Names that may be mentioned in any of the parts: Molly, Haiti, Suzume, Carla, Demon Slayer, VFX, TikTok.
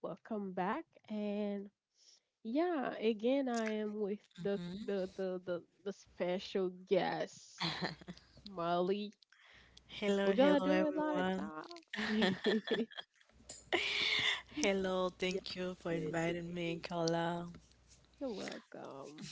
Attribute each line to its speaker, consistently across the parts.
Speaker 1: Welcome back and yeah, again I am with the
Speaker 2: Mhm.
Speaker 1: the the the, the special guest, Molly.
Speaker 2: Hello,
Speaker 1: We're gonna
Speaker 2: hello
Speaker 1: do a lot of
Speaker 2: everyone.
Speaker 1: talk. yeah,
Speaker 2: Hello, thank you for
Speaker 1: very sweet.
Speaker 2: inviting me, Carla.
Speaker 1: You're welcome.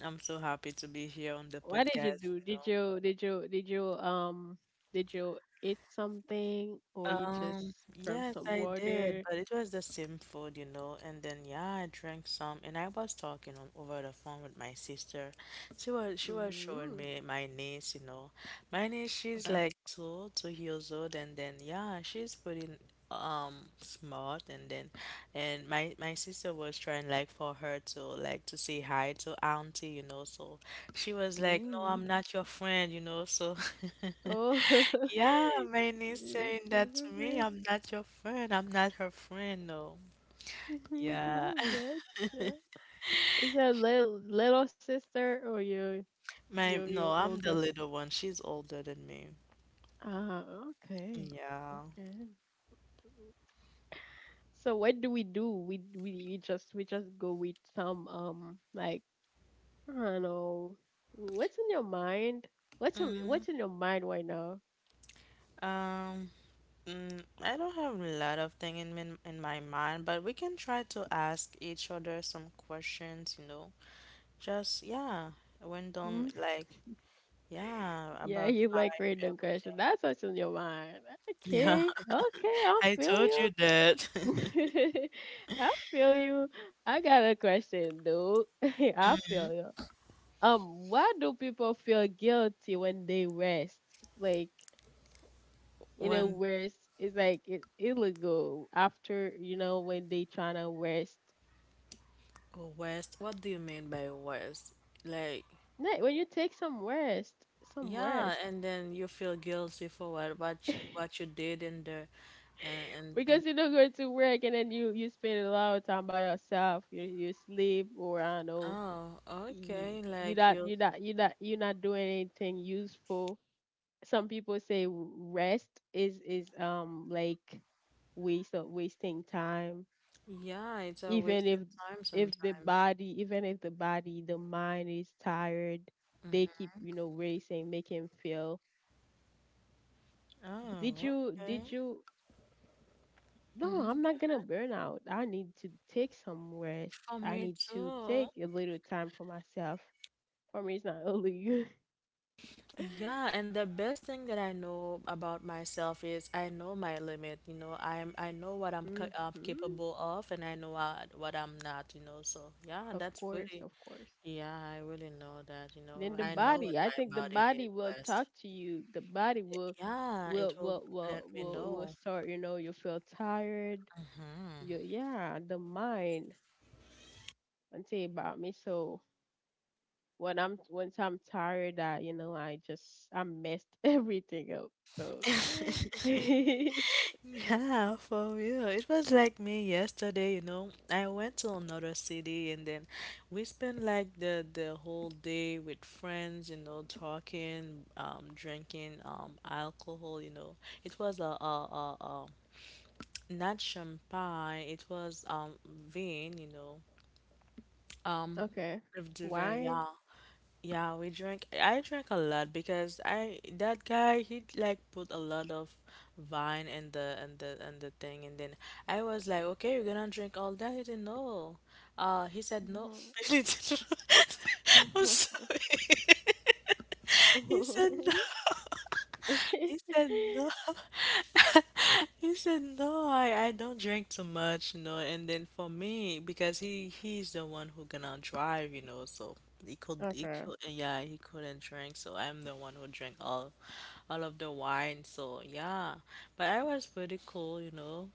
Speaker 2: I'm so happy to be here on the
Speaker 1: What did you
Speaker 2: podcast,
Speaker 1: do?
Speaker 2: you
Speaker 1: Did
Speaker 2: know.
Speaker 1: you did you did you um did you eat something or you just grab
Speaker 2: Yes,
Speaker 1: some
Speaker 2: I
Speaker 1: water?
Speaker 2: did, but it was the same food, you know. And then yeah, I drank some, and I was talking on over the phone with my sister. She was showing
Speaker 1: Mm,
Speaker 2: me my niece, you know. My niece, she's
Speaker 1: okay.
Speaker 2: like two years old, and then yeah, she's pretty smart. And then, and my sister was trying like for her to like to say hi to auntie, you know. So she was like, "No,
Speaker 1: Ooh.
Speaker 2: I'm not your friend," you know. So
Speaker 1: Oh,
Speaker 2: yeah, my niece
Speaker 1: you
Speaker 2: saying that to me.
Speaker 1: Suzume.
Speaker 2: I'm not your friend. I'm not her friend. No. Yeah.
Speaker 1: Gotcha. Is that little sister or you you
Speaker 2: My,
Speaker 1: you
Speaker 2: no, I'm the
Speaker 1: older?
Speaker 2: little one. She's older than me.
Speaker 1: Ah, okay,
Speaker 2: Yeah.
Speaker 1: okay. So what do we do? We just go with some like I don't know what's in your mind. What's in,
Speaker 2: Mm,
Speaker 1: what's in your mind right now?
Speaker 2: um, I don't have a lot of thing in min in my mind, but we can try to ask each other some questions, you know. Just yeah, random
Speaker 1: Hmm?
Speaker 2: like yeah,
Speaker 1: Yeah,
Speaker 2: about
Speaker 1: you like
Speaker 2: life,
Speaker 1: random question.
Speaker 2: everything.
Speaker 1: That's what's in your mind.
Speaker 2: Yeah,
Speaker 1: Okay, okay, I
Speaker 2: I
Speaker 1: feel
Speaker 2: told you
Speaker 1: you.
Speaker 2: that.
Speaker 1: I feel you. I got a question, dude. I feel you. Why do people feel guilty when they rest? Like,
Speaker 2: When
Speaker 1: rest is like it's illegal after, when they trying to rest.
Speaker 2: West? What do you mean by West? Like,
Speaker 1: Like, when you take some rest, some
Speaker 2: yeah,
Speaker 1: rest.
Speaker 2: and then you feel guilty for what you did in there, and
Speaker 1: Because you don't go to work and then you spend a lot of time by yourself. You sleep or I don't know.
Speaker 2: oh,
Speaker 1: You
Speaker 2: okay,
Speaker 1: you
Speaker 2: like
Speaker 1: not
Speaker 2: you,
Speaker 1: you not you not you not doing anything useful. Some people say rest is like waste of wasting time
Speaker 2: yeah, it's a
Speaker 1: even
Speaker 2: wasted time
Speaker 1: if the
Speaker 2: sometimes.
Speaker 1: body even if the body the mind is tired, they
Speaker 2: Mhm.
Speaker 1: keep you know racing, make him feel. did
Speaker 2: Oh,
Speaker 1: you did
Speaker 2: okay.
Speaker 1: you no,
Speaker 2: Mhm.
Speaker 1: I'm not gonna burn out. I need to take some rest.
Speaker 2: For
Speaker 1: I
Speaker 2: me
Speaker 1: need to
Speaker 2: too.
Speaker 1: take a little time for myself. For me, it's not only you.
Speaker 2: Yeah, and the best thing that I know about myself is I know my limit. You know, I know what I'm
Speaker 1: Hmm,
Speaker 2: capable of, and I know what I'm not. You know, so yeah,
Speaker 1: of
Speaker 2: that's
Speaker 1: course,
Speaker 2: really...
Speaker 1: of course.
Speaker 2: Yeah, I really know that, you
Speaker 1: Then
Speaker 2: know.
Speaker 1: the
Speaker 2: I know when
Speaker 1: body, I
Speaker 2: my
Speaker 1: think the
Speaker 2: body
Speaker 1: body
Speaker 2: needs
Speaker 1: will
Speaker 2: rest.
Speaker 1: talk to you. The body will,
Speaker 2: Yeah, it
Speaker 1: will,
Speaker 2: will
Speaker 1: will,
Speaker 2: let
Speaker 1: will,
Speaker 2: me
Speaker 1: will, will
Speaker 2: know.
Speaker 1: start. You know, you feel tired.
Speaker 2: Hmm.
Speaker 1: You, yeah, the mind. And tell you about me. So when I'm once I'm tired, I you know I just I messed everything up. So
Speaker 2: Yeah, for real. It was like me yesterday, you know. I went to another city and then we spent like the whole day with friends, you know, talking, drinking alcohol, you know. It was a not champagne, it was vin, you know. Um,
Speaker 1: okay,
Speaker 2: of the vin,
Speaker 1: wine.
Speaker 2: yeah. Yeah, we drank. I drank a lot because I that guy he like put a lot of wine in the thing, and then I was like, okay, you're gonna drink all that. He didn't know. He said no. He didn't. I'm sorry. He said no. He said no. He said no. I don't drink too much, you know. And then for me, because he's the one who gonna drive, you know. So
Speaker 1: Okay,
Speaker 2: he couldn't drink. So I'm the one who drank all of the wine. So yeah, but I was pretty cool, you know.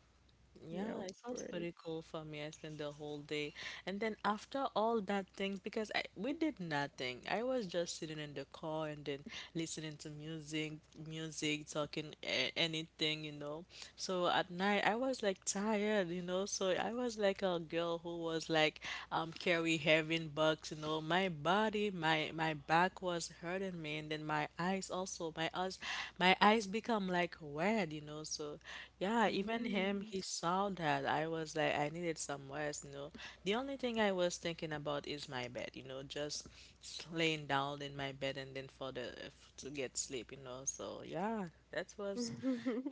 Speaker 2: Yeah,
Speaker 1: yeah, of
Speaker 2: it sounds
Speaker 1: course.
Speaker 2: pretty cool for me. I spent the whole day. And then after all that thing, because we did nothing. I was just sitting in the car and then listening to music, talking a anything, you know. So at night, I was like tired, you know. So I was like a girl who was like carry heavy bucks, you know. My back was hurting me, and then my eyes also. My eyes become like red, you know. So yeah, even him,
Speaker 1: Mm.
Speaker 2: he saw that. I was like, I needed some rest, you know. The only thing I was thinking about is my bed, you know, just laying down in my bed and then to get sleep, you know. So yeah, that was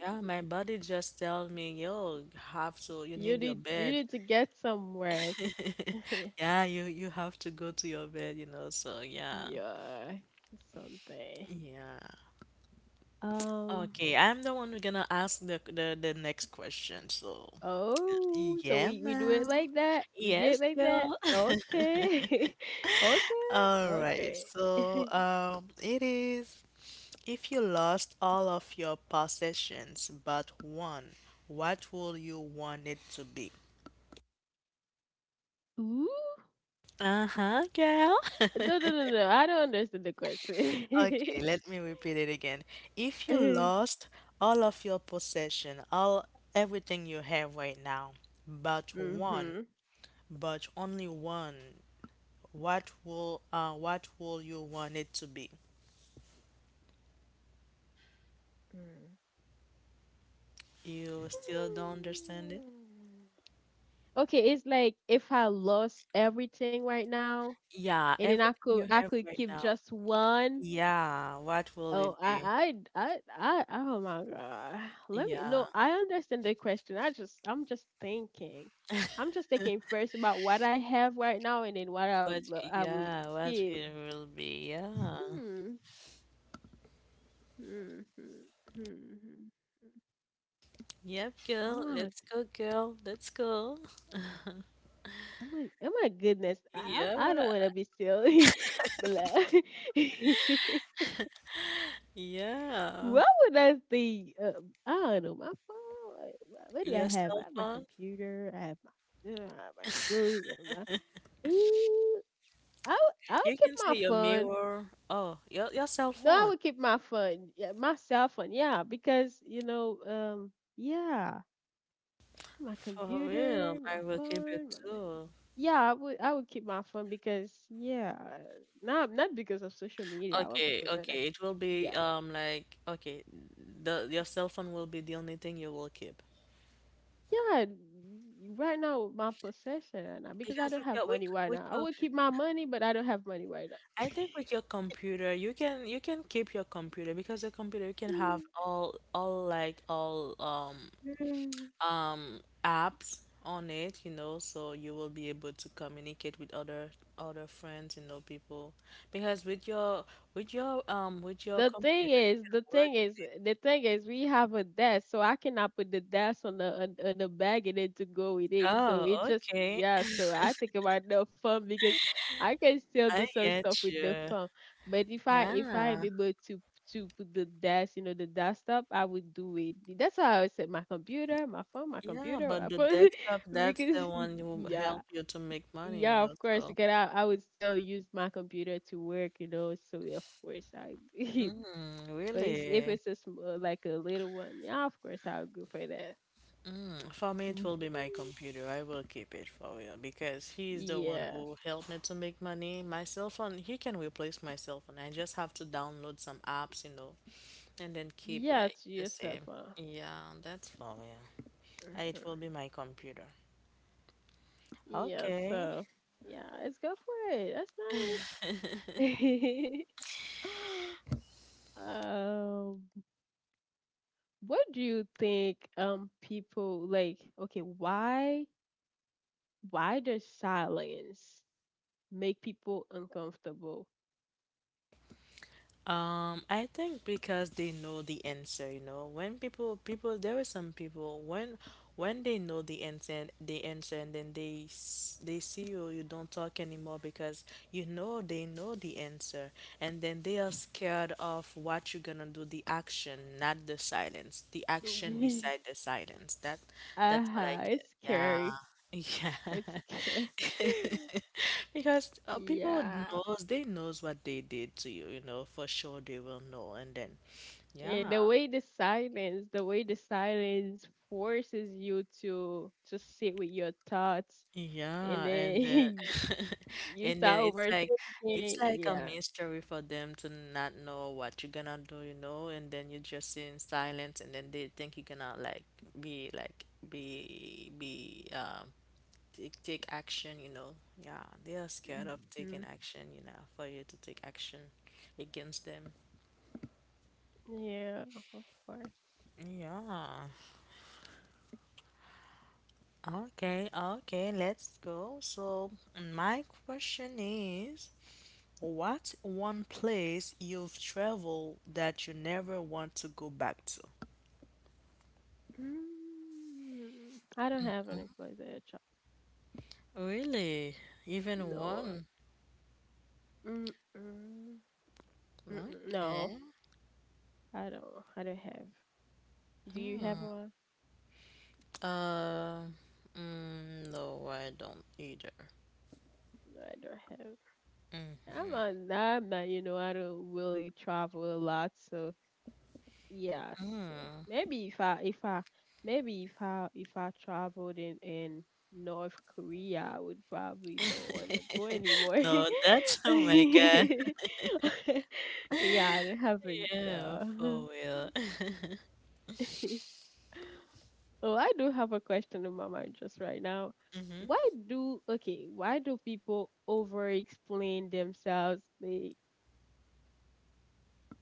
Speaker 2: yeah. My body just tell me, yo, you need your
Speaker 1: You
Speaker 2: bed.
Speaker 1: need to get some rest.
Speaker 2: Yeah, you have to go to your bed, you know. So yeah,
Speaker 1: Yeah, something.
Speaker 2: yeah.
Speaker 1: Um.
Speaker 2: Okay, I'm the one who's gonna ask the next question. So.
Speaker 1: Oh, so
Speaker 2: Yeah,
Speaker 1: we do it
Speaker 2: Mel.
Speaker 1: like that. We do
Speaker 2: Yes,
Speaker 1: it like that.
Speaker 2: girl.
Speaker 1: Okay. Okay.
Speaker 2: All right.
Speaker 1: Okay.
Speaker 2: So, it is if you lost all of your possessions but one, what will you want it to be?
Speaker 1: Ooh.
Speaker 2: Uh-huh, girl.
Speaker 1: No, no, no, no. I don't understand the question.
Speaker 2: Okay, let me repeat it again. If you
Speaker 1: Mhm.
Speaker 2: lost all of your possession, all everything you have right now, but one,
Speaker 1: Mm.
Speaker 2: but only one, what will you want it to be?
Speaker 1: Hmm.
Speaker 2: You still don't understand it?
Speaker 1: Okay, it's like if I lost everything right now,
Speaker 2: Yeah,
Speaker 1: and then I
Speaker 2: everything
Speaker 1: could
Speaker 2: you
Speaker 1: I
Speaker 2: have
Speaker 1: could
Speaker 2: right
Speaker 1: keep
Speaker 2: now.
Speaker 1: just one.
Speaker 2: Yeah, what will it
Speaker 1: Oh,
Speaker 2: be?
Speaker 1: oh my God. Let me
Speaker 2: Yeah,
Speaker 1: no. I understand the question. I'm just thinking. I'm just thinking first about what I have right now and then what I would, I would
Speaker 2: yeah, what
Speaker 1: keep.
Speaker 2: it will be. Yeah.
Speaker 1: Hmm. Hmm. Hmm. Hmm, hmm.
Speaker 2: Yep,
Speaker 1: Oh
Speaker 2: girl.
Speaker 1: my, g-
Speaker 2: Let's go, girl. Let's go.
Speaker 1: oh my, oh my goodness. I don't
Speaker 2: Yeah,
Speaker 1: want to be silly, but like,
Speaker 2: yeah.
Speaker 1: what would I see? I don't know. My phone. Like, what do I
Speaker 2: Your
Speaker 1: have? I
Speaker 2: cell
Speaker 1: have my
Speaker 2: phone.
Speaker 1: computer. I have my. I have my. Mm, I
Speaker 2: You
Speaker 1: would keep
Speaker 2: can
Speaker 1: my
Speaker 2: say your
Speaker 1: phone.
Speaker 2: mirror. Oh, your cell
Speaker 1: No, I
Speaker 2: phone.
Speaker 1: would keep my phone, yeah, my cell phone. Yeah, because you know, yeah, my
Speaker 2: For
Speaker 1: computer,
Speaker 2: real,
Speaker 1: my
Speaker 2: I will keep it
Speaker 1: phone,
Speaker 2: too.
Speaker 1: yeah, I would keep my phone because yeah, not not because of social media. I want
Speaker 2: Okay,
Speaker 1: people to know that.
Speaker 2: okay. It will be
Speaker 1: Yeah,
Speaker 2: like okay, the your cell phone will be the only thing you will keep.
Speaker 1: yeah. Right now, my possession right now because I
Speaker 2: Because
Speaker 1: don't have money right
Speaker 2: with
Speaker 1: now. I
Speaker 2: your...
Speaker 1: would keep my money, but I don't have money right
Speaker 2: I think with your computer you can keep your computer because your computer you can have all like all
Speaker 1: now.
Speaker 2: apps on it, you know, so you will be able to communicate with other friends, you know, people. Because with your
Speaker 1: The thing
Speaker 2: computer you
Speaker 1: is,
Speaker 2: can
Speaker 1: the
Speaker 2: work.
Speaker 1: thing is, the thing is, we have a desk, so I cannot put the desk on on the bag and then to go with it. So
Speaker 2: Oh,
Speaker 1: it just
Speaker 2: okay.
Speaker 1: yeah. So I think about the phone because I can still
Speaker 2: I
Speaker 1: do some
Speaker 2: get
Speaker 1: stuff with the
Speaker 2: you.
Speaker 1: phone. But if I am
Speaker 2: Yeah,
Speaker 1: able to put the desk, you know, the desktop, I would do it. That's why I always said my computer, my phone, my
Speaker 2: yeah,
Speaker 1: computer,
Speaker 2: but
Speaker 1: my
Speaker 2: the
Speaker 1: phone,
Speaker 2: desktop, that's
Speaker 1: because
Speaker 2: the one who will
Speaker 1: yeah.
Speaker 2: help you to make money, you
Speaker 1: Yeah,
Speaker 2: know.
Speaker 1: of course,
Speaker 2: So,
Speaker 1: because I would still use my computer to work, you know. So yeah, of course I
Speaker 2: mm,
Speaker 1: but if
Speaker 2: really?
Speaker 1: it's a like a little one, yeah, of course I'll go for that.
Speaker 2: Mm, for me, it
Speaker 1: Mhm.
Speaker 2: will be my computer. I will keep it for real because he's the one
Speaker 1: Yeah,
Speaker 2: who helped me to make money. My cell phone, he can replace my cell phone. I just have to download some apps, you know, and then keep
Speaker 1: yeah,
Speaker 2: like
Speaker 1: to
Speaker 2: the
Speaker 1: yourself,
Speaker 2: same.
Speaker 1: huh?
Speaker 2: Yeah, that's for real. It
Speaker 1: Hmm.
Speaker 2: will be my computer.
Speaker 1: Yeah,
Speaker 2: Okay.
Speaker 1: so yeah, let's go for it. That's nice. um, what do you think? People like okay, why does silence make people uncomfortable?
Speaker 2: I think because they know the answer, you know, when people there are some people when they know the answer and then they see you you don't talk anymore because you know they know the answer and then they are scared of what you're gonna do: the action, not the silence, the action beside the silence that... that's what I
Speaker 1: Uh-huh,
Speaker 2: get.
Speaker 1: it's
Speaker 2: Yeah.
Speaker 1: scary. It's
Speaker 2: Yeah.
Speaker 1: scary.
Speaker 2: Because people
Speaker 1: Yeah.
Speaker 2: knows they knows what they did to you, you know, for sure they will know. And then
Speaker 1: And
Speaker 2: yeah.
Speaker 1: the way the silence, the way the silence forces you to sit with your thoughts, and
Speaker 2: Yeah, and
Speaker 1: then
Speaker 2: then
Speaker 1: you
Speaker 2: and
Speaker 1: start
Speaker 2: then it's
Speaker 1: overthinking.
Speaker 2: like a
Speaker 1: Yeah.
Speaker 2: mystery for them to not know what you're gonna do, you know, and then you just sit in silence and then they think you're gonna like be take take action, you know. Yeah, they are scared of taking
Speaker 1: Hmm.
Speaker 2: action, you know, for you to take action against them.
Speaker 1: Yeah, of course.
Speaker 2: Yeah. Okay, okay, let's go. So, my question is, what one place you've traveled that you never want to go back to?
Speaker 1: Mm, I don't have any place at a child.
Speaker 2: Really? Even
Speaker 1: No.
Speaker 2: one?
Speaker 1: Mm-mm. Mm-mm. No,
Speaker 2: Okay.
Speaker 1: I don't. I don't have. Do you have
Speaker 2: Hmm.
Speaker 1: one?
Speaker 2: Uh, no, I don't either.
Speaker 1: No, I don't have. I'm not, you know, I don't really travel a lot, so yes.
Speaker 2: Mm-hmm.
Speaker 1: Maybe if I maybe if I traveled in North Korea, I would probably don't want to go anymore.
Speaker 2: No, that's, oh my God.
Speaker 1: Yeah, I haven't.
Speaker 2: Yeah, for real.
Speaker 1: Oh, I do have a question in my mind just right now.
Speaker 2: Mm-hmm.
Speaker 1: Why do okay? Why do people over explain themselves? They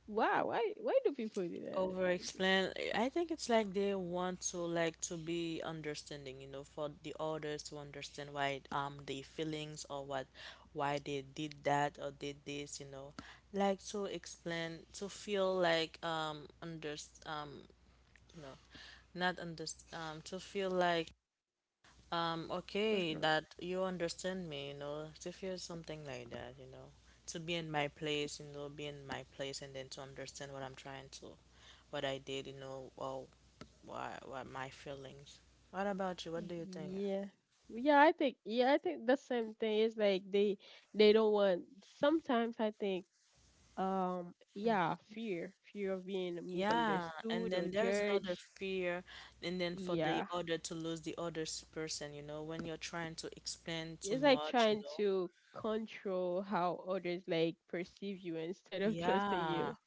Speaker 1: why do people do that?
Speaker 2: Over
Speaker 1: It's just
Speaker 2: explain. I think it's like they want to like to be understanding, you know, for the others to understand why their feelings or what why they did that or did this, you know. Like to explain to feel like under um you know, not under to feel like okay,
Speaker 1: uh-huh.
Speaker 2: that you understand me, you know, to feel something like that, you know, to be in my place, you know, be in my place and then to understand what I'm trying what I did, you know, well, what my feelings. What about you? What do you think?
Speaker 1: Yeah. I think yeah, I think the same thing is like they don't want sometimes I think yeah, fear. Fear of being
Speaker 2: Yeah, and
Speaker 1: misunderstood or
Speaker 2: then there is another
Speaker 1: judged.
Speaker 2: fear, and then for the
Speaker 1: Yeah.
Speaker 2: other to lose the person, you know, when you're trying to explain too
Speaker 1: It's like
Speaker 2: much, you
Speaker 1: trying
Speaker 2: know.
Speaker 1: to control how others like perceive you instead of trusting
Speaker 2: Yeah,
Speaker 1: you.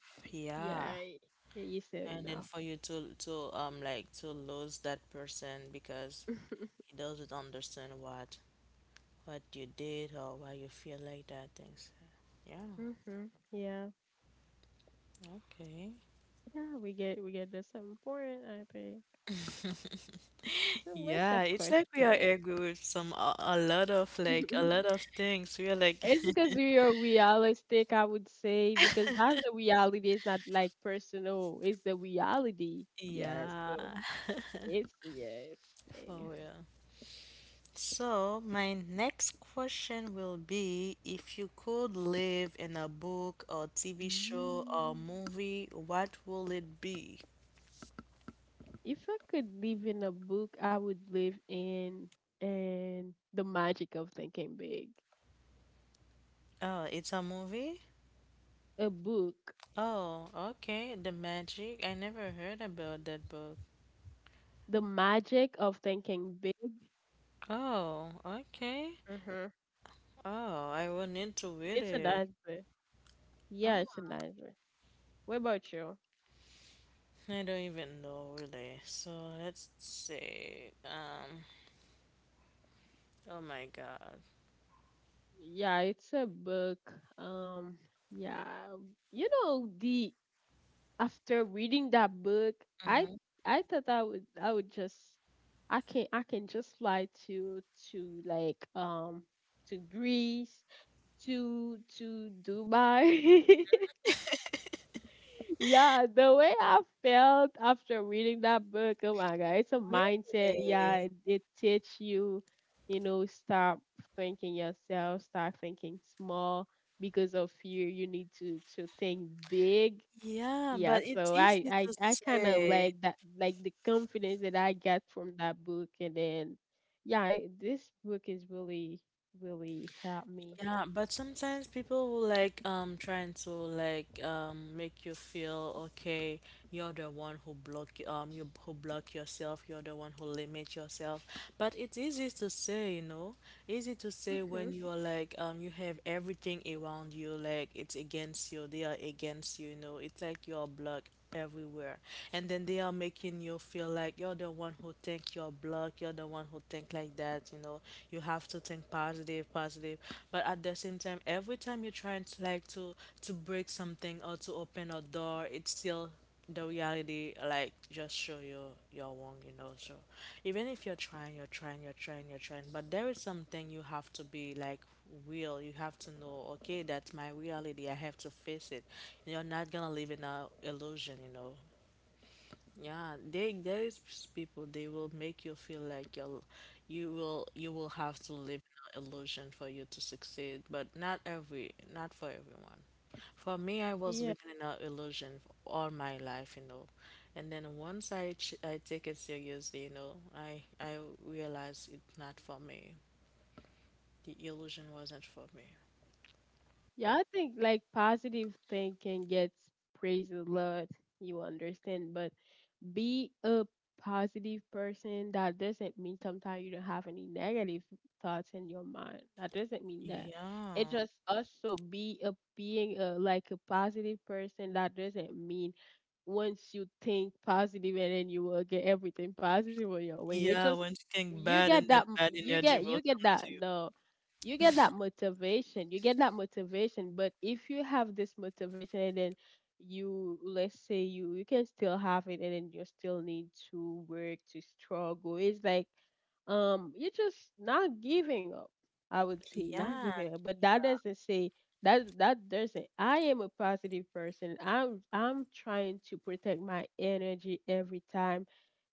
Speaker 1: Yeah,
Speaker 2: yeah.
Speaker 1: I- yeah, you said
Speaker 2: And then
Speaker 1: enough.
Speaker 2: for you to like to lose that person because he doesn't understand what you did or why you feel like that things. Yeah,
Speaker 1: Mhm. Yeah.
Speaker 2: okay.
Speaker 1: Yeah, we get the same point, I think. So what's your
Speaker 2: Yeah, it's like we are
Speaker 1: question?
Speaker 2: angry with a lot of like a lot of things. We are like
Speaker 1: It's because we are realistic, I would say, because that's the reality. It's not like personal. It's the reality. Yeah. So
Speaker 2: yeah.
Speaker 1: it's yeah. It's safe.
Speaker 2: For real. So, my next question will be if you could live in a book or TV show or
Speaker 1: Mm,
Speaker 2: movie, what will it be?
Speaker 1: if I could live in a book, I would live in the Magic of Thinking Big.
Speaker 2: Oh, it's a movie?
Speaker 1: A book,
Speaker 2: Oh, okay. The Magic. I never heard about that book.
Speaker 1: the Magic of Thinking Big.
Speaker 2: Oh, okay.
Speaker 1: Mm-hmm.
Speaker 2: Oh, I will need to read
Speaker 1: It's a
Speaker 2: it.
Speaker 1: nice one. Yeah,
Speaker 2: Oh,
Speaker 1: it's a nice one. What about you?
Speaker 2: I don't even know really. So let's see. Oh my God.
Speaker 1: Yeah, it's a book. Um, yeah, you know the after reading that book, I
Speaker 2: Mm-hmm.
Speaker 1: I thought I would just I can just fly to like to Greece to Dubai. Yeah, the way I felt after reading that book, oh my God, it's a mindset. Yeah,
Speaker 2: Really?
Speaker 1: it teach you, you know, stop thinking yourself, start thinking small because of fear. You need to think big.
Speaker 2: Yeah,
Speaker 1: Yeah,
Speaker 2: but
Speaker 1: so
Speaker 2: it's
Speaker 1: I
Speaker 2: easy
Speaker 1: I
Speaker 2: to
Speaker 1: I kind of
Speaker 2: say.
Speaker 1: like that, like the confidence that I got from that book, and then yeah, this book is really really helped me.
Speaker 2: Yeah, but sometimes people will like trying to like make you feel okay, you're the one who block you who block yourself, you're the one who limit yourself. But it's easy to say, you know. Easy to say when
Speaker 1: Mm-hmm.
Speaker 2: you're like you have everything around you, like it's against you, they are against you, you know. It's like you're blocked everywhere, and then they are making you feel like you're the one who think you're blocked, you're the one who think like that, you know. You have to think positive positive, but at the same time every time you're trying to like to break something or to open a door, it's still the reality like just show you you're wrong, you know. So even if you're trying, you're trying, you're trying, you're trying, but there is something you have to be like real, you have to know, okay, that's my reality, I have to face it. You're not gonna live in a illusion, you know. Yeah, they there is people, they will make you feel like you'll you will have to live in an illusion for you to succeed, but not every, not for everyone. For me, I was living in an illusion all my life, you know. And then once I take it seriously, you know, I realized it's not for me. The illusion wasn't for me.
Speaker 1: Yeah, I think like positive thinking gets praised a lot. You understand, but be a positive person. That doesn't mean sometimes you don't have any negative thoughts in your mind. That doesn't mean that. It
Speaker 2: Yeah.
Speaker 1: just also be a being a like a positive person. That doesn't mean once you think positive and then you will get everything positive on your way. It just
Speaker 2: Yeah, when you think
Speaker 1: you
Speaker 2: bad
Speaker 1: get
Speaker 2: and
Speaker 1: that
Speaker 2: then bad energy
Speaker 1: you
Speaker 2: will
Speaker 1: get
Speaker 2: come
Speaker 1: that
Speaker 2: to you.
Speaker 1: no, you get that motivation, you get that motivation, but if you have this motivation and then you let's say you you can still have it and then you still need to work to struggle. It's like you're just not giving up. I would say not
Speaker 2: Yeah,
Speaker 1: giving up, but that doesn't say that doesn't. I am a positive person. I'm trying to protect my energy every time,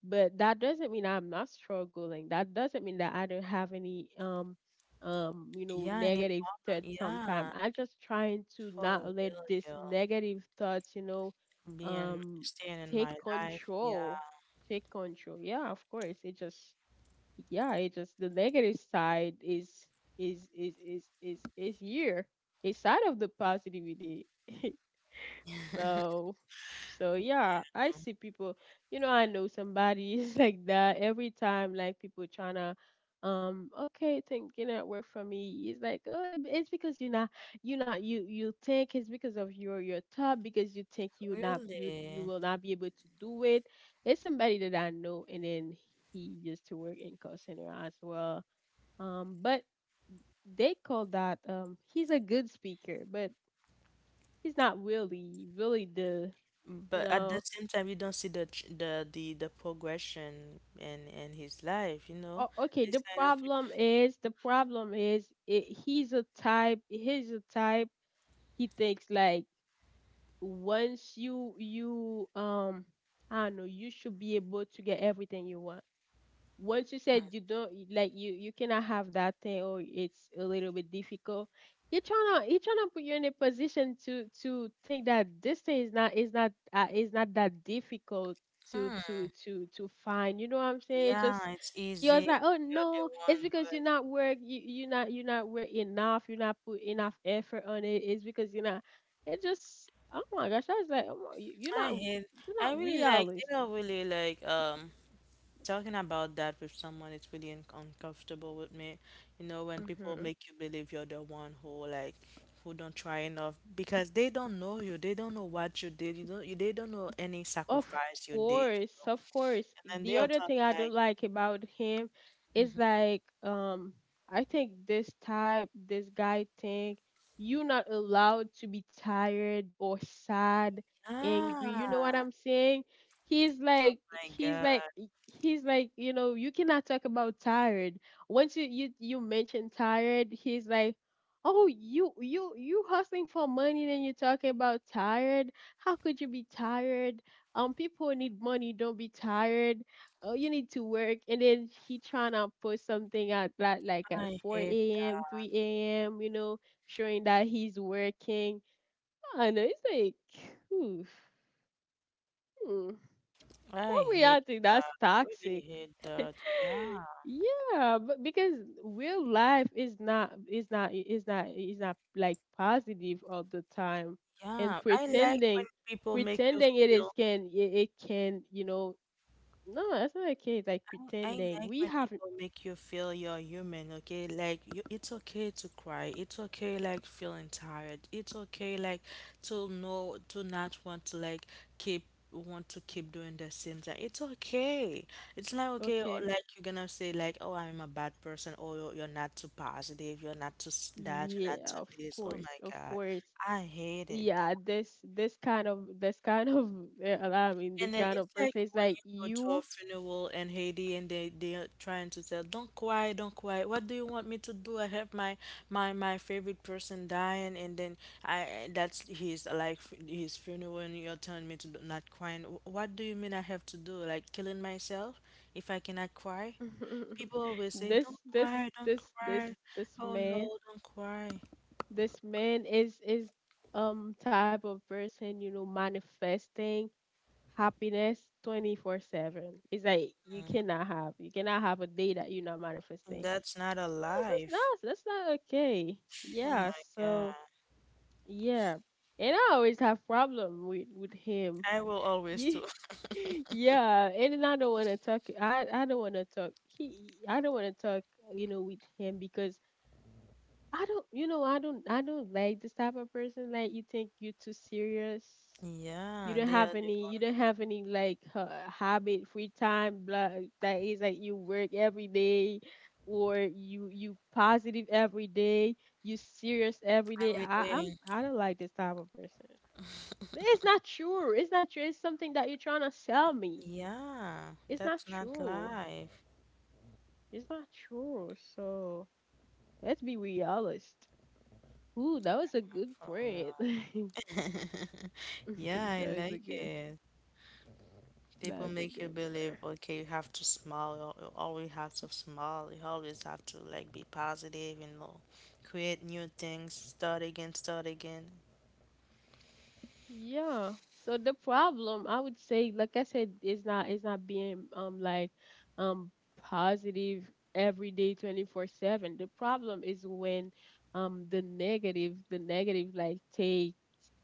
Speaker 1: but that doesn't mean I'm not struggling. That doesn't mean that I don't have any you know
Speaker 2: yeah, any
Speaker 1: negative
Speaker 2: problem.
Speaker 1: thoughts. Sometimes
Speaker 2: Yeah,
Speaker 1: I just trying to
Speaker 2: for
Speaker 1: not let
Speaker 2: real,
Speaker 1: this
Speaker 2: girl.
Speaker 1: negative thoughts, you know,
Speaker 2: Being
Speaker 1: um
Speaker 2: staying in
Speaker 1: take
Speaker 2: my life. Yeah.
Speaker 1: control, take control, yeah, of course. It just yeah, it just the negative side is is here a side of the positivity. So, so yeah, I see people. You know, I know somebody is like that every time. Like people trying to, okay, think you know, work for me. It's like, oh, it's because you're not, you think it's because of your top because you think you you
Speaker 2: Really?
Speaker 1: will not be able to do it. It's somebody that I know, and then he used to work in call center as well. But they call that he's a good speaker, but he's not really really the you
Speaker 2: But at the
Speaker 1: know.
Speaker 2: same time, you don't see the the progression in his life, you know.
Speaker 1: Oh, okay. The
Speaker 2: This kind of people.
Speaker 1: problem is, the problem is, it, he's a type. He's a type. He thinks like once you I don't know, you should be able to get everything you want. Once you said you don't like you cannot have that thing, or it's a little bit difficult. You're trying to put you in a position to think that this thing is not that difficult to
Speaker 2: Hmm.
Speaker 1: to to to find. You know what I'm saying? It just,
Speaker 2: Yeah, it's
Speaker 1: you're just
Speaker 2: easy.
Speaker 1: like, oh
Speaker 2: You're the
Speaker 1: no,
Speaker 2: one
Speaker 1: it's
Speaker 2: who
Speaker 1: because you're
Speaker 2: has-
Speaker 1: not work, you're not work enough, you're not put enough effort on it, it's because you're not. It just, oh my gosh, I was like, oh, you're
Speaker 2: I
Speaker 1: not,
Speaker 2: hate.
Speaker 1: you're
Speaker 2: I
Speaker 1: not
Speaker 2: really like. They
Speaker 1: realistic.
Speaker 2: are really like talking about that with someone. It's really un uncomfortable with me. You know, when people
Speaker 1: Hmm.
Speaker 2: make you believe you're the one who like who don't try enough because they don't know you. They don't know what you did. You don't. They don't know any
Speaker 1: Of
Speaker 2: sacrifice you did,
Speaker 1: course, of course.
Speaker 2: and then they
Speaker 1: The
Speaker 2: are
Speaker 1: other thing
Speaker 2: talking
Speaker 1: I don't
Speaker 2: like.
Speaker 1: like about him is
Speaker 2: Hmm.
Speaker 1: like, I think this guy think you're not allowed to be tired or sad, angry. You know what
Speaker 2: Ah,
Speaker 1: I'm saying? He's like
Speaker 2: my
Speaker 1: he's
Speaker 2: God.
Speaker 1: like he's like, you know, you cannot talk about tired. Once you mention tired, he's like, oh, you hustling for money, then you're talking about tired, how could you be tired? People need money, don't be tired. Oh, you need to work. And then he trying to post something at like at
Speaker 2: I hate,
Speaker 1: 4 a.m., 3 a.m., you know, showing that he's working. I know, it's like, oof. Hmm. For
Speaker 2: I
Speaker 1: me,
Speaker 2: hate
Speaker 1: I think that's
Speaker 2: that. Really
Speaker 1: toxic.
Speaker 2: hate that. Yeah.
Speaker 1: Yeah, but because real life is not like positive all the time. And
Speaker 2: Yeah.
Speaker 1: pretending pretending it is, can it can, you know. No, that's not okay. It's like
Speaker 2: I
Speaker 1: pretending.
Speaker 2: like
Speaker 1: We
Speaker 2: when
Speaker 1: have.
Speaker 2: people make you feel you're human, okay? Like you, it's okay to cry. It's okay like feeling tired. It's okay like to know to not want to like keep want to keep doing the same thing. It's okay. It's not okay or,
Speaker 1: Okay.
Speaker 2: like you're gonna say like, "Oh, I'm a bad person," or you're not too positive. You're not too that. You're not
Speaker 1: Yeah,
Speaker 2: too
Speaker 1: of
Speaker 2: this." Oh
Speaker 1: course,
Speaker 2: my
Speaker 1: of
Speaker 2: God,
Speaker 1: course.
Speaker 2: I hated that.
Speaker 1: Yeah, this kind of I mean
Speaker 2: And
Speaker 1: this
Speaker 2: then
Speaker 1: kind
Speaker 2: it's
Speaker 1: of
Speaker 2: like
Speaker 1: person is
Speaker 2: when
Speaker 1: like
Speaker 2: you go to a
Speaker 1: you.
Speaker 2: funeral in Haiti and they are trying to tell, don't cry, don't cry. What do you want me to do? I have my my favorite person dying, and then I that's his like his funeral, and you're telling me to do- not crying. What do you mean I have to do? Like killing myself if I cannot cry? People always say, don't
Speaker 1: this this
Speaker 2: cry, don't
Speaker 1: this this
Speaker 2: cry.
Speaker 1: this
Speaker 2: Oh
Speaker 1: man
Speaker 2: no, don't cry.
Speaker 1: is type of person, you know, manifesting happiness 24/7. It's like you cannot have a day that you're not manifesting.
Speaker 2: That's not a
Speaker 1: Yes, that's
Speaker 2: life.
Speaker 1: not that's not okay.
Speaker 2: Oh
Speaker 1: Yeah,
Speaker 2: my God.
Speaker 1: so yeah. And I always have problem with him.
Speaker 2: I will always
Speaker 1: Yeah.
Speaker 2: do.
Speaker 1: Yeah, and then I don't want to talk. I don't want to talk. He I don't want to talk. You know, with him, because I don't. You know, I don't. I don't like this type of person. Like, you think you're too serious, you
Speaker 2: Yeah,
Speaker 1: don't
Speaker 2: they
Speaker 1: have
Speaker 2: are the
Speaker 1: any you don't have any like, habit, free time, blah, that is like you work every day, or you positive every day, you serious every
Speaker 2: I
Speaker 1: day.
Speaker 2: would,
Speaker 1: i i'm i don't like this type of person. But it's not true, it's something that you're trying to sell me.
Speaker 2: yeah,
Speaker 1: it's not
Speaker 2: that's not
Speaker 1: true
Speaker 2: life
Speaker 1: it's not true so let's be realist. Ooh, that was a good
Speaker 2: for real.
Speaker 1: print.
Speaker 2: Yeah, I
Speaker 1: That was a
Speaker 2: like
Speaker 1: good.
Speaker 2: it. People
Speaker 1: That was a
Speaker 2: make you
Speaker 1: good
Speaker 2: believe,
Speaker 1: print.
Speaker 2: okay, you have to smile, you you always have to smile, you always have to like be positive, you know, create new things, start again,
Speaker 1: Yeah. So the problem, I would say, like I said, is not being like, um positive every day 24/7. The problem is when the negative like takes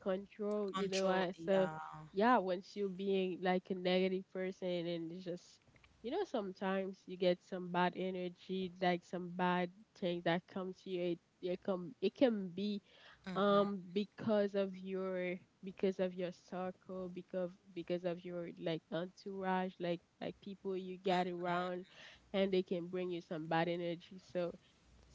Speaker 1: control, you know.
Speaker 2: control,
Speaker 1: I, so
Speaker 2: yeah.
Speaker 1: yeah, once you being like a negative person, and it's just, you know, sometimes you get some bad energy, like some bad things that come to you. It can be
Speaker 2: Mm.
Speaker 1: because of your, because of your circle, because of your like entourage, like people you get around, and they can bring you some bad energy, so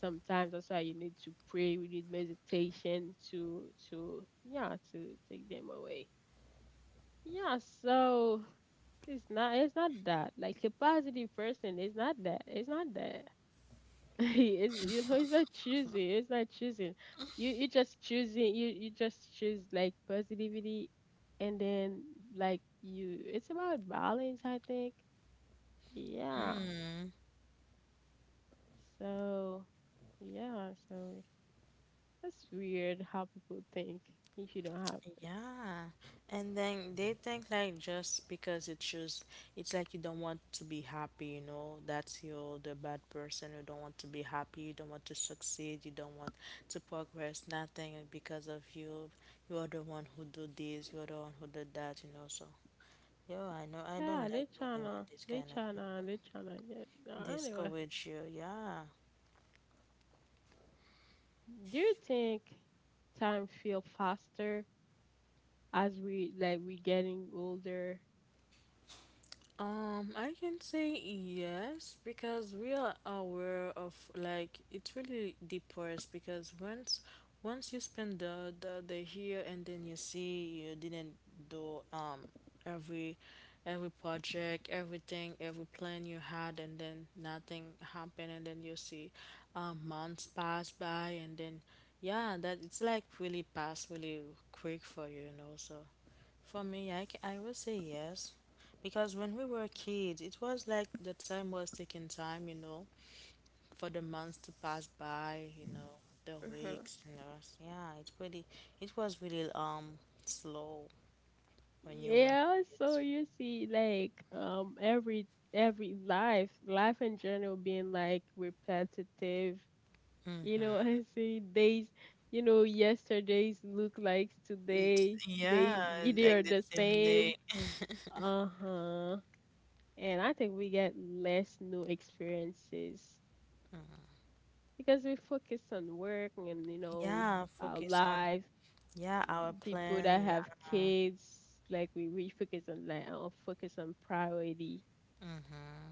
Speaker 1: sometimes that's why you need to pray, we need meditation to yeah, to take them away. Yeah, so it's not that, like a positive person, it's not that. He is, you know, it's not choosing, you just choosing, you just choose like positivity, and then, like you, it's about balance, I think. Yeah, so, yeah, so that's weird how people think, if you don't have it.
Speaker 2: Yeah. And then they think like just because it's just it's like you don't want to be happy, you know, that's you're the bad person. You don't want to be happy, you don't want to succeed, you don't want to progress, nothing because of you. You are the one who do this, you are the one who did that, you know. So yeah, I know I don't
Speaker 1: Yeah, they
Speaker 2: like being around
Speaker 1: tryna
Speaker 2: this
Speaker 1: they
Speaker 2: kind of
Speaker 1: tryna
Speaker 2: people.
Speaker 1: they tryna get. No, anyway,
Speaker 2: Discourage you, yeah.
Speaker 1: do you think time feel faster as we, like, we getting older?
Speaker 2: I can say yes because we are aware of like it's really depressed because once you spend the year and then you see you didn't do every every project, everything, every plan you had, and then nothing happened, and then you see months pass by, and then yeah, that it's like really pass really quick for you, you know. So for me, I will say yes because when we were kids, it was like the time was taking time, you know, for the months to pass by, you know, the
Speaker 1: Uh-huh.
Speaker 2: weeks and the rest. Yeah, it's pretty. It was really slow when you were
Speaker 1: Yeah, so
Speaker 2: kids.
Speaker 1: you see, like, um, every every life in general being like repetitive. You
Speaker 2: It's-
Speaker 1: know, I see days, you know, yesterdays look like today.
Speaker 2: Yeah,
Speaker 1: They are
Speaker 2: like the
Speaker 1: the
Speaker 2: same
Speaker 1: same.
Speaker 2: day.
Speaker 1: Uh-huh. And I think we get less new experiences, because we focus on work and, you know,
Speaker 2: Yeah,
Speaker 1: our
Speaker 2: focus on
Speaker 1: life,
Speaker 2: yeah our
Speaker 1: people
Speaker 2: plan.
Speaker 1: that have
Speaker 2: Yeah.
Speaker 1: kids, like we focus on like, on focus on priority.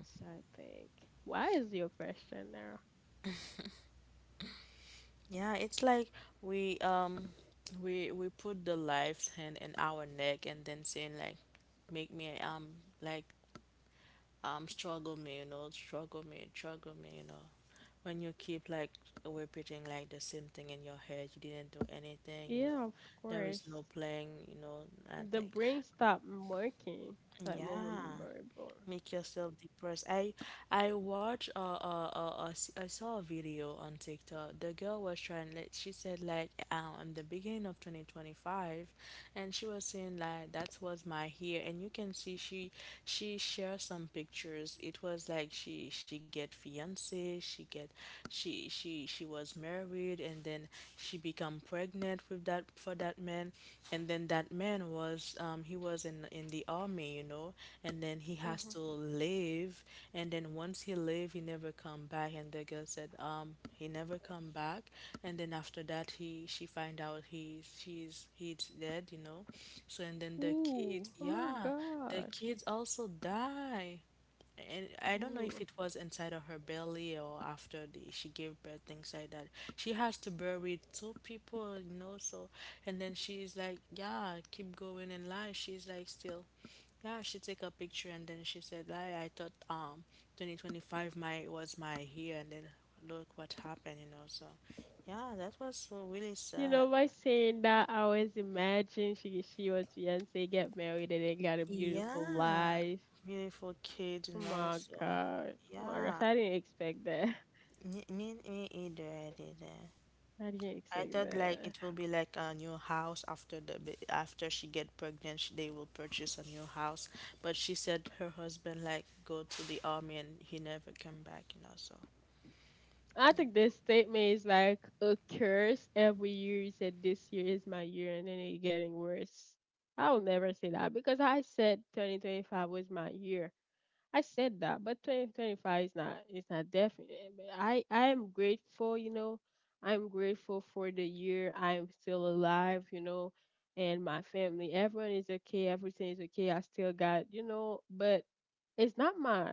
Speaker 1: So I think, why is your question now?
Speaker 2: Yeah, it's like we um we put the life's hand in our neck and then saying like make me like struggle me, you know, struggle me, you know. When you keep like repeating like the same thing in your head, you didn't do anything, you
Speaker 1: Yeah,
Speaker 2: know.
Speaker 1: of
Speaker 2: There is
Speaker 1: course.
Speaker 2: no playing, you know,
Speaker 1: The
Speaker 2: nothing.
Speaker 1: brain stopped working, like, moment
Speaker 2: Yeah.
Speaker 1: memorable.
Speaker 2: Make yourself depressed. I saw a video on TikTok. The girl was trying like she said like in the beginning of 2025, and she was saying like that was my hair, and you can see she shares some pictures. It was like she get fiance, she was married, and then she become pregnant with that for that man, and then that man was he was in the army, you know, and then he has
Speaker 1: Uh-huh.
Speaker 2: to leave, and then once he leave he never come back, and the girl said, he never come back, and then after that he she find out he she's he's dead, you know. So and then the
Speaker 1: Ooh,
Speaker 2: kids,
Speaker 1: oh my
Speaker 2: yeah, the
Speaker 1: gosh.
Speaker 2: kids also die, and I don't know if
Speaker 1: Ooh.
Speaker 2: it was inside of her belly or after she gave birth, things like that. She has to bury two people, you know. So, and then she's like, "Yeah, keep going in life." She's like, still, yeah. She take a picture, and then she said, "Like, I thought, 2025 my was my year, and then look what happened," you know. So yeah, that was so really
Speaker 1: You
Speaker 2: sad.
Speaker 1: know, by saying that, I always imagine she was Beyonce, get married, and then got a beautiful
Speaker 2: Yeah,
Speaker 1: life.
Speaker 2: beautiful kid, you
Speaker 1: Oh
Speaker 2: know.
Speaker 1: my
Speaker 2: So
Speaker 1: gosh. Oh my
Speaker 2: yeah,
Speaker 1: gosh, I didn't expect that.
Speaker 2: me either.
Speaker 1: I didn't
Speaker 2: I
Speaker 1: expect
Speaker 2: thought like
Speaker 1: that.
Speaker 2: it will be like a new house after after she get pregnant, they will purchase a new house. But she said her husband like go to the
Speaker 1: I think this statement is like a curse. Every year you said this year is my year, and then it's getting worse. I'll never say that, because I said 2025 was my year. I said that, but 2025 is not, it's not definite. But I am grateful, you know. I'm grateful for the year, I'm still alive, you know, and my family. Everyone is okay, everything is okay. I still got, you know, but it's not my,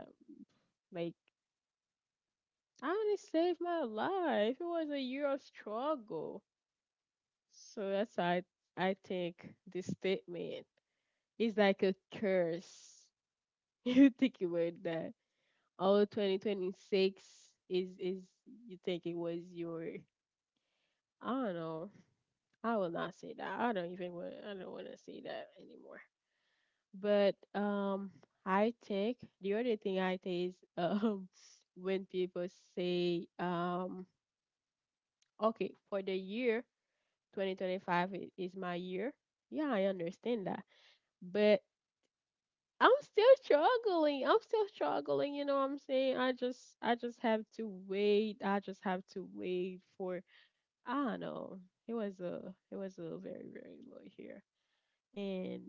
Speaker 1: like, I only saved my life. It was a year of struggle. So that's why I think this statement is like a curse. You think about that. Oh, 2026 is you think it was your, I don't know. I will not say that. I don't wanna say that anymore. But I think the other thing I think is when people say, okay, for the year 2025 is my year. Yeah, I understand that. But I'm still struggling. I'm still struggling, you know what I'm saying? I just have to wait. I just have to wait for, I don't know. It was a very, very low year. And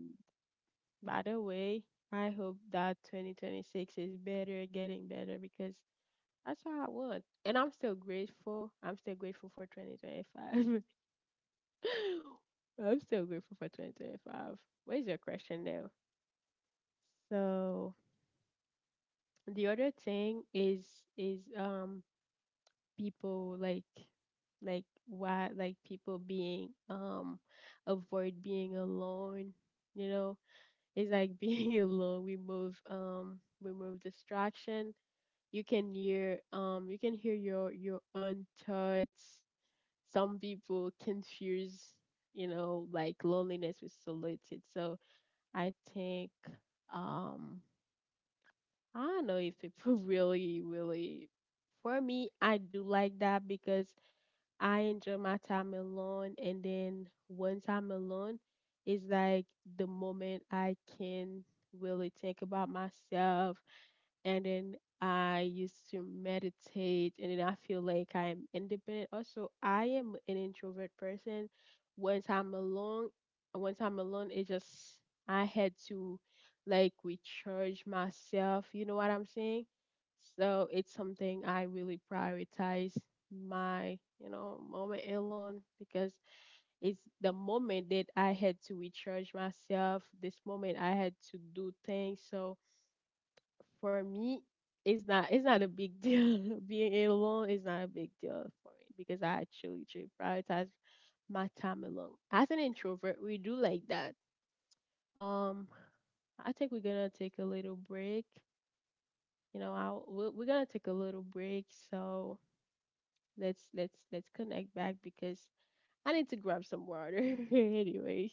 Speaker 1: by the way, I hope that 2026 is better, getting better, because that's what I want. And I'm still grateful. I'm still grateful for 2025. I'm so grateful for 2025. What is your question now? So the other thing is, people, like, why, like, people being, avoid being alone. You know, it's like being alone. We move distraction. You can hear your own thoughts. Some people confuse, you know, like loneliness with solitude. So I think, um I don't know if people really. For me, I do like that, because I enjoy my time alone, and then once I'm alone, it's like the moment I can really think about myself, and then I used to meditate, and then I feel like I'm independent. Also, I am an introvert person. Once I'm alone, Once I'm alone, it just, I had to, like, recharge myself. You know what I'm saying? So it's something I really prioritize, my, you know, moment alone, because it's the moment that I had to recharge myself. This moment I had to do things. So for me, it's not a big deal. Being alone is not a big deal for me, because I actually try prioritize my time alone. As an introvert, we do like that. Um, I think we're gonna take a little break. You know, we're gonna take a little break. So let's connect back, because I need to grab some water. Anyways.